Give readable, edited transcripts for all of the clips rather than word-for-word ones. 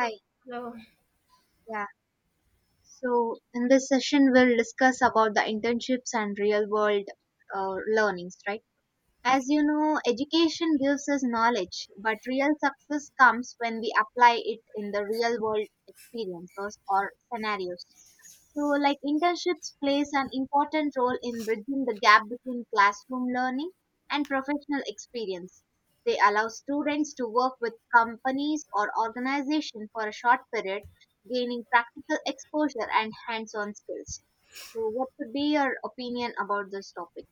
Hi, Hello. yeah. So in this session, we'll discuss about the internships and real world learnings, right? As you know, education gives us knowledge, but real success comes when we apply it in the real world experiences or scenarios. So, like internships plays an important role in bridging the gap between classroom learning and professional experience. They allow students to work with companies or organizations for a short period, gaining practical exposure and hands-on skills. So, what could be your opinion about this topic?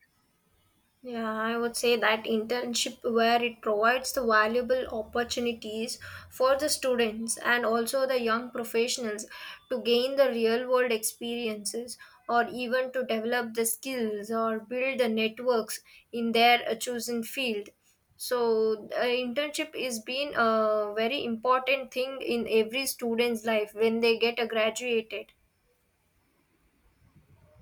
Yeah, I would say that internship where it provides the valuable opportunities for the students and also the young professionals to gain the real world experiences or even to develop the skills or build the networks in their chosen field. So, internship is been a very important thing in every student's life when they get graduated.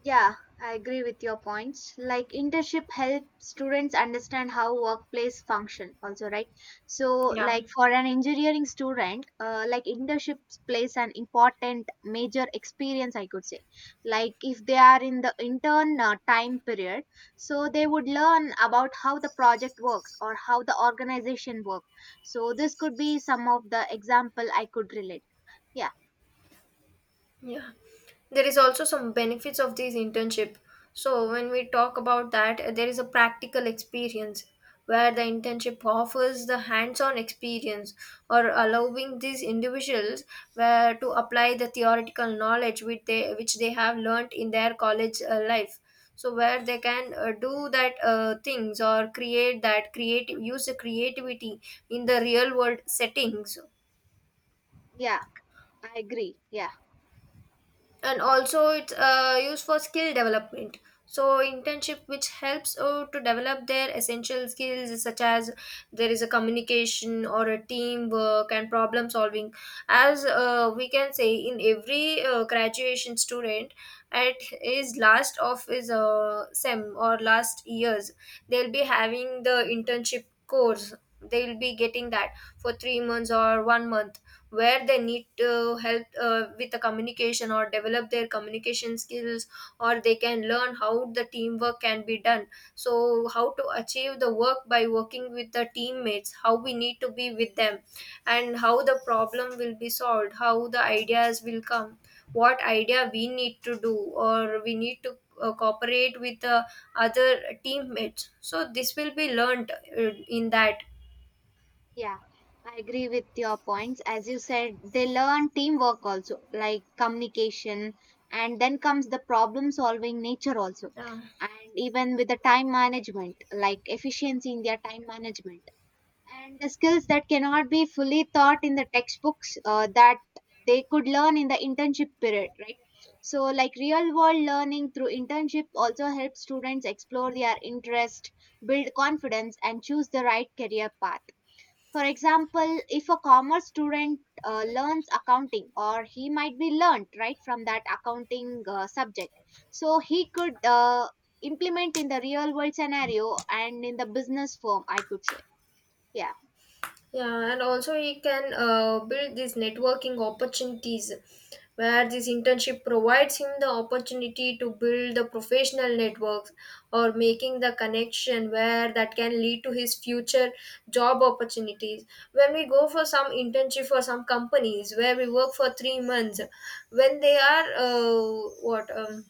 Yeah, I agree with your points. Like internship help students understand how workplace function also, right? So Yeah. like for an engineering student, like internship plays an important major experience, I could say. Like if they are in the intern time period, so they would learn about how the project works or how the organization works. So this could be some of the example I could relate. Yeah, Yeah. There is also some benefits of this internship. So when we talk about that, there is a practical experience where the internship offers the hands-on experience or allowing these individuals where to apply the theoretical knowledge which they have learnt in their college life. So where they can do that things or create that creative use the creativity in the real world settings, yeah, I agree. Yeah. and also it's used for skill development. So internship which helps to develop their essential skills such as there is a communication or a teamwork and problem solving. As we can say, in every graduation student at his last of his sem or last years, they'll be having the internship course, they'll be getting that for 3 months or 1 month, where they need to help with the communication or develop their communication skills, or they can learn how the teamwork can be done, so how to achieve the work by working with the teammates, how we need to be with them, and how the problem will be solved, how the ideas will come, what idea we need to do or we need to cooperate with the other teammates. So this will be learned in that. Yeah, I agree with your points. As you said, they learn teamwork also, like communication, and then comes the problem solving nature also, Yeah. and even with the time management, like efficiency in their time management, and the skills that cannot be fully taught in the textbooks that they could learn in the internship period, right? So, like real world learning through internship also helps students explore their interest, build confidence, and choose the right career path. For example, if a commerce student learns accounting, or he might be learned right from that accounting subject, so he could implement in the real world scenario and in the business firm, I could say. Yeah, Yeah, and also we can build these networking opportunities where this internship provides him the opportunity to build the professional networks or making the connection where that can lead to his future job opportunities. When we go for some internship for some companies where we work for 3 months, when they are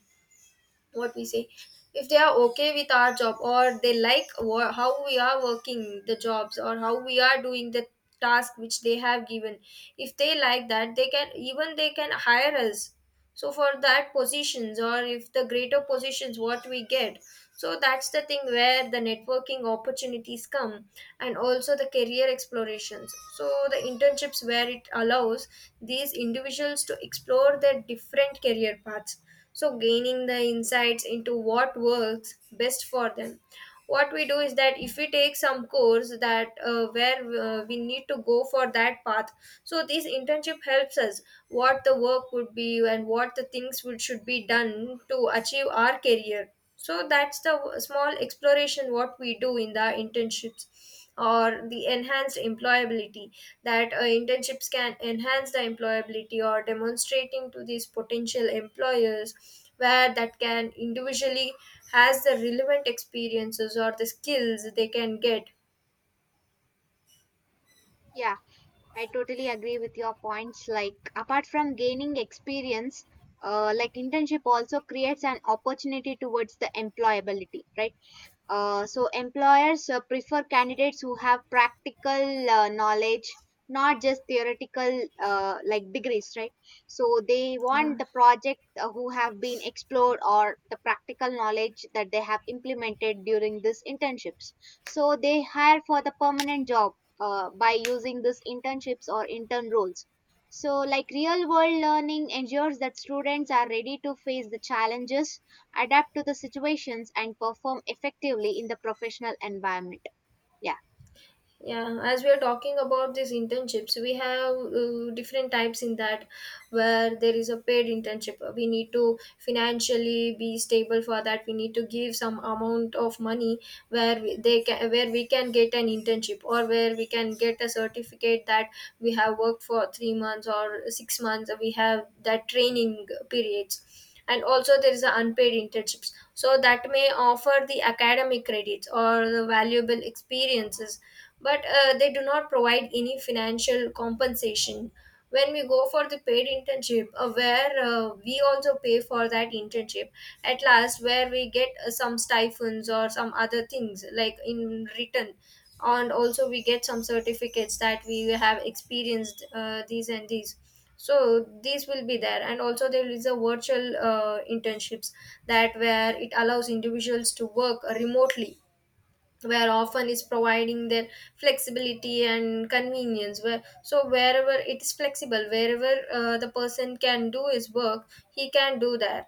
what we say if they are okay with our job, or they like how we are working the jobs or how we are doing the task which they have given, if they like that, they can hire us, so for that positions, or if the greater positions what we get, so that's the thing where the networking opportunities come. And also the career explorations, so the internships where it allows these individuals to explore their different career paths, so gaining the insights into what works best for them. What we do is that if we take some course that where we need to go for that path, so this internship helps us what the work would be and what the things would should be done to achieve our career. So that's the small exploration what we do in the internships, or the enhanced employability, that internships can enhance the employability or demonstrating to these potential employers where that can individually has the relevant experiences or the skills they can get. yeah, I totally agree with your points. Like, apart from gaining experience, like internship also creates an opportunity towards the employability, right? So employers prefer candidates who have practical knowledge, not just theoretical like degrees, right? So they Yeah. want the project who have been explored or the practical knowledge that they have implemented during these internships. So they hire for the permanent job by using these internships or intern roles. So, like real world learning ensures that students are ready to face the challenges, adapt to the situations and perform effectively in the professional environment. Yeah. Yeah, as we are talking about these internships, we have different types in that. Where there is a paid internship, we need to financially be stable, for that we need to give some amount of money where they can, where we can get an internship or where we can get a certificate that we have worked for 3 months or 6 months, we have that training periods. And also there is a unpaid internships, so that may offer the academic credits or the valuable experiences, but they do not provide any financial compensation. When we go for the paid internship, where we also pay for that internship, at last where we get some stipends or some other things like in return, and also we get some certificates that we have experienced these and these. So these will be there. And also there is a virtual internships that where it allows individuals to work remotely, where often is providing their flexibility and convenience, where so wherever it is flexible, wherever the person can do his work he can do that.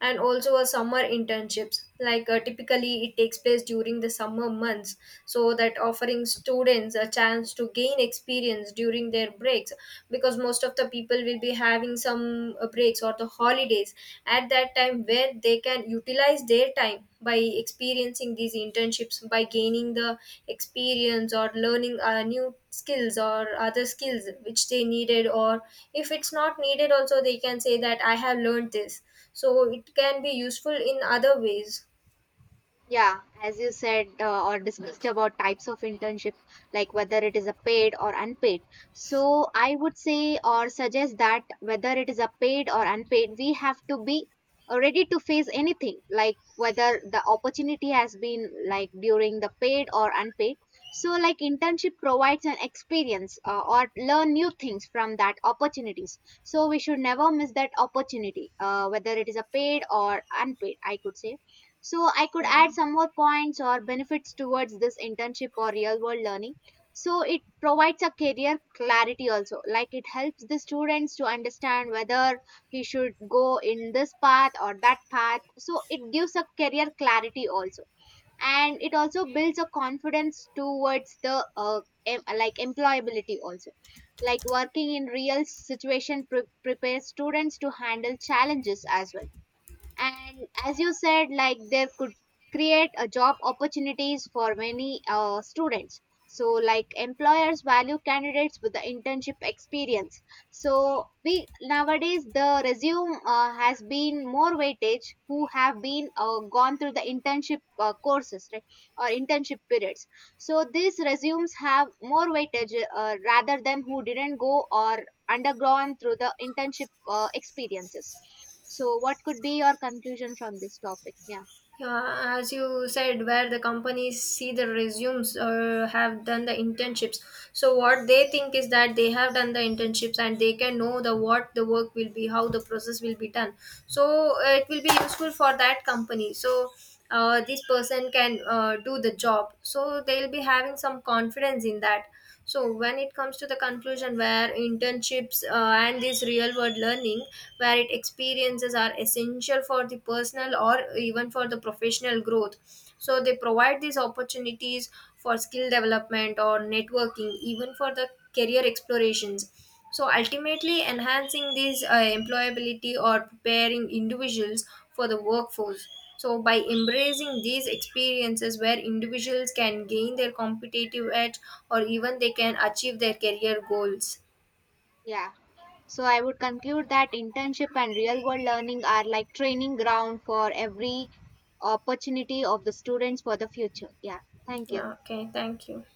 And also a summer internships, like typically it takes place during the summer months, so that offering students a chance to gain experience during their breaks, because most of the people will be having some breaks or the holidays at that time, where they can utilize their time by experiencing these internships, by gaining the experience or learning new skills or other skills which they needed, or if it's not needed also, they can say that I have learned this, so it can be useful in other ways. Yeah, as you said or discussed about types of internship, like whether it is a paid or unpaid. So I would say or suggest that whether it is a paid or unpaid, we have to be ready to face anything, like whether the opportunity has been like during the paid or unpaid. So like internship provides an experience or learn new things from that opportunities. So we should never miss that opportunity, whether it is a paid or unpaid, I could say. So I could Yeah. add some more points or benefits towards this internship or real world learning. So it provides a career clarity also, like it helps the students to understand whether he should go in this path or that path, so it gives a career clarity also. And it also builds a confidence towards the like employability also, like working in real situation prepares students to handle challenges as well. And as you said, like there could create a job opportunities for many students. So like employers value candidates with the internship experience. So we nowadays the resume has been more weightage who have been gone through the internship courses, right? Or internship periods. So these resumes have more weightage rather than who didn't go or undergone through the internship experiences. So, what could be your conclusion from this topic? Yeah. Yeah, as you said, where the companies see the resumes or have done the internships. So what they think is that they have done the internships and they can know the what the work will be, how the process will be done. So it will be useful for that company. So this person can do the job. So they'll be having some confidence in that. So when it comes to the conclusion, where internships and this real world learning, where it experiences are essential for the personal or even for the professional growth, so they provide these opportunities for skill development or networking, even for the career explorations, so ultimately enhancing these employability or preparing individuals for the workforce. So, by embracing these experiences where individuals can gain their competitive edge, or even they can achieve their career goals. Yeah. So, I would conclude that internship and real world learning are like training ground for every opportunity of the students for the future. Yeah. Thank you. Yeah, okay, thank you.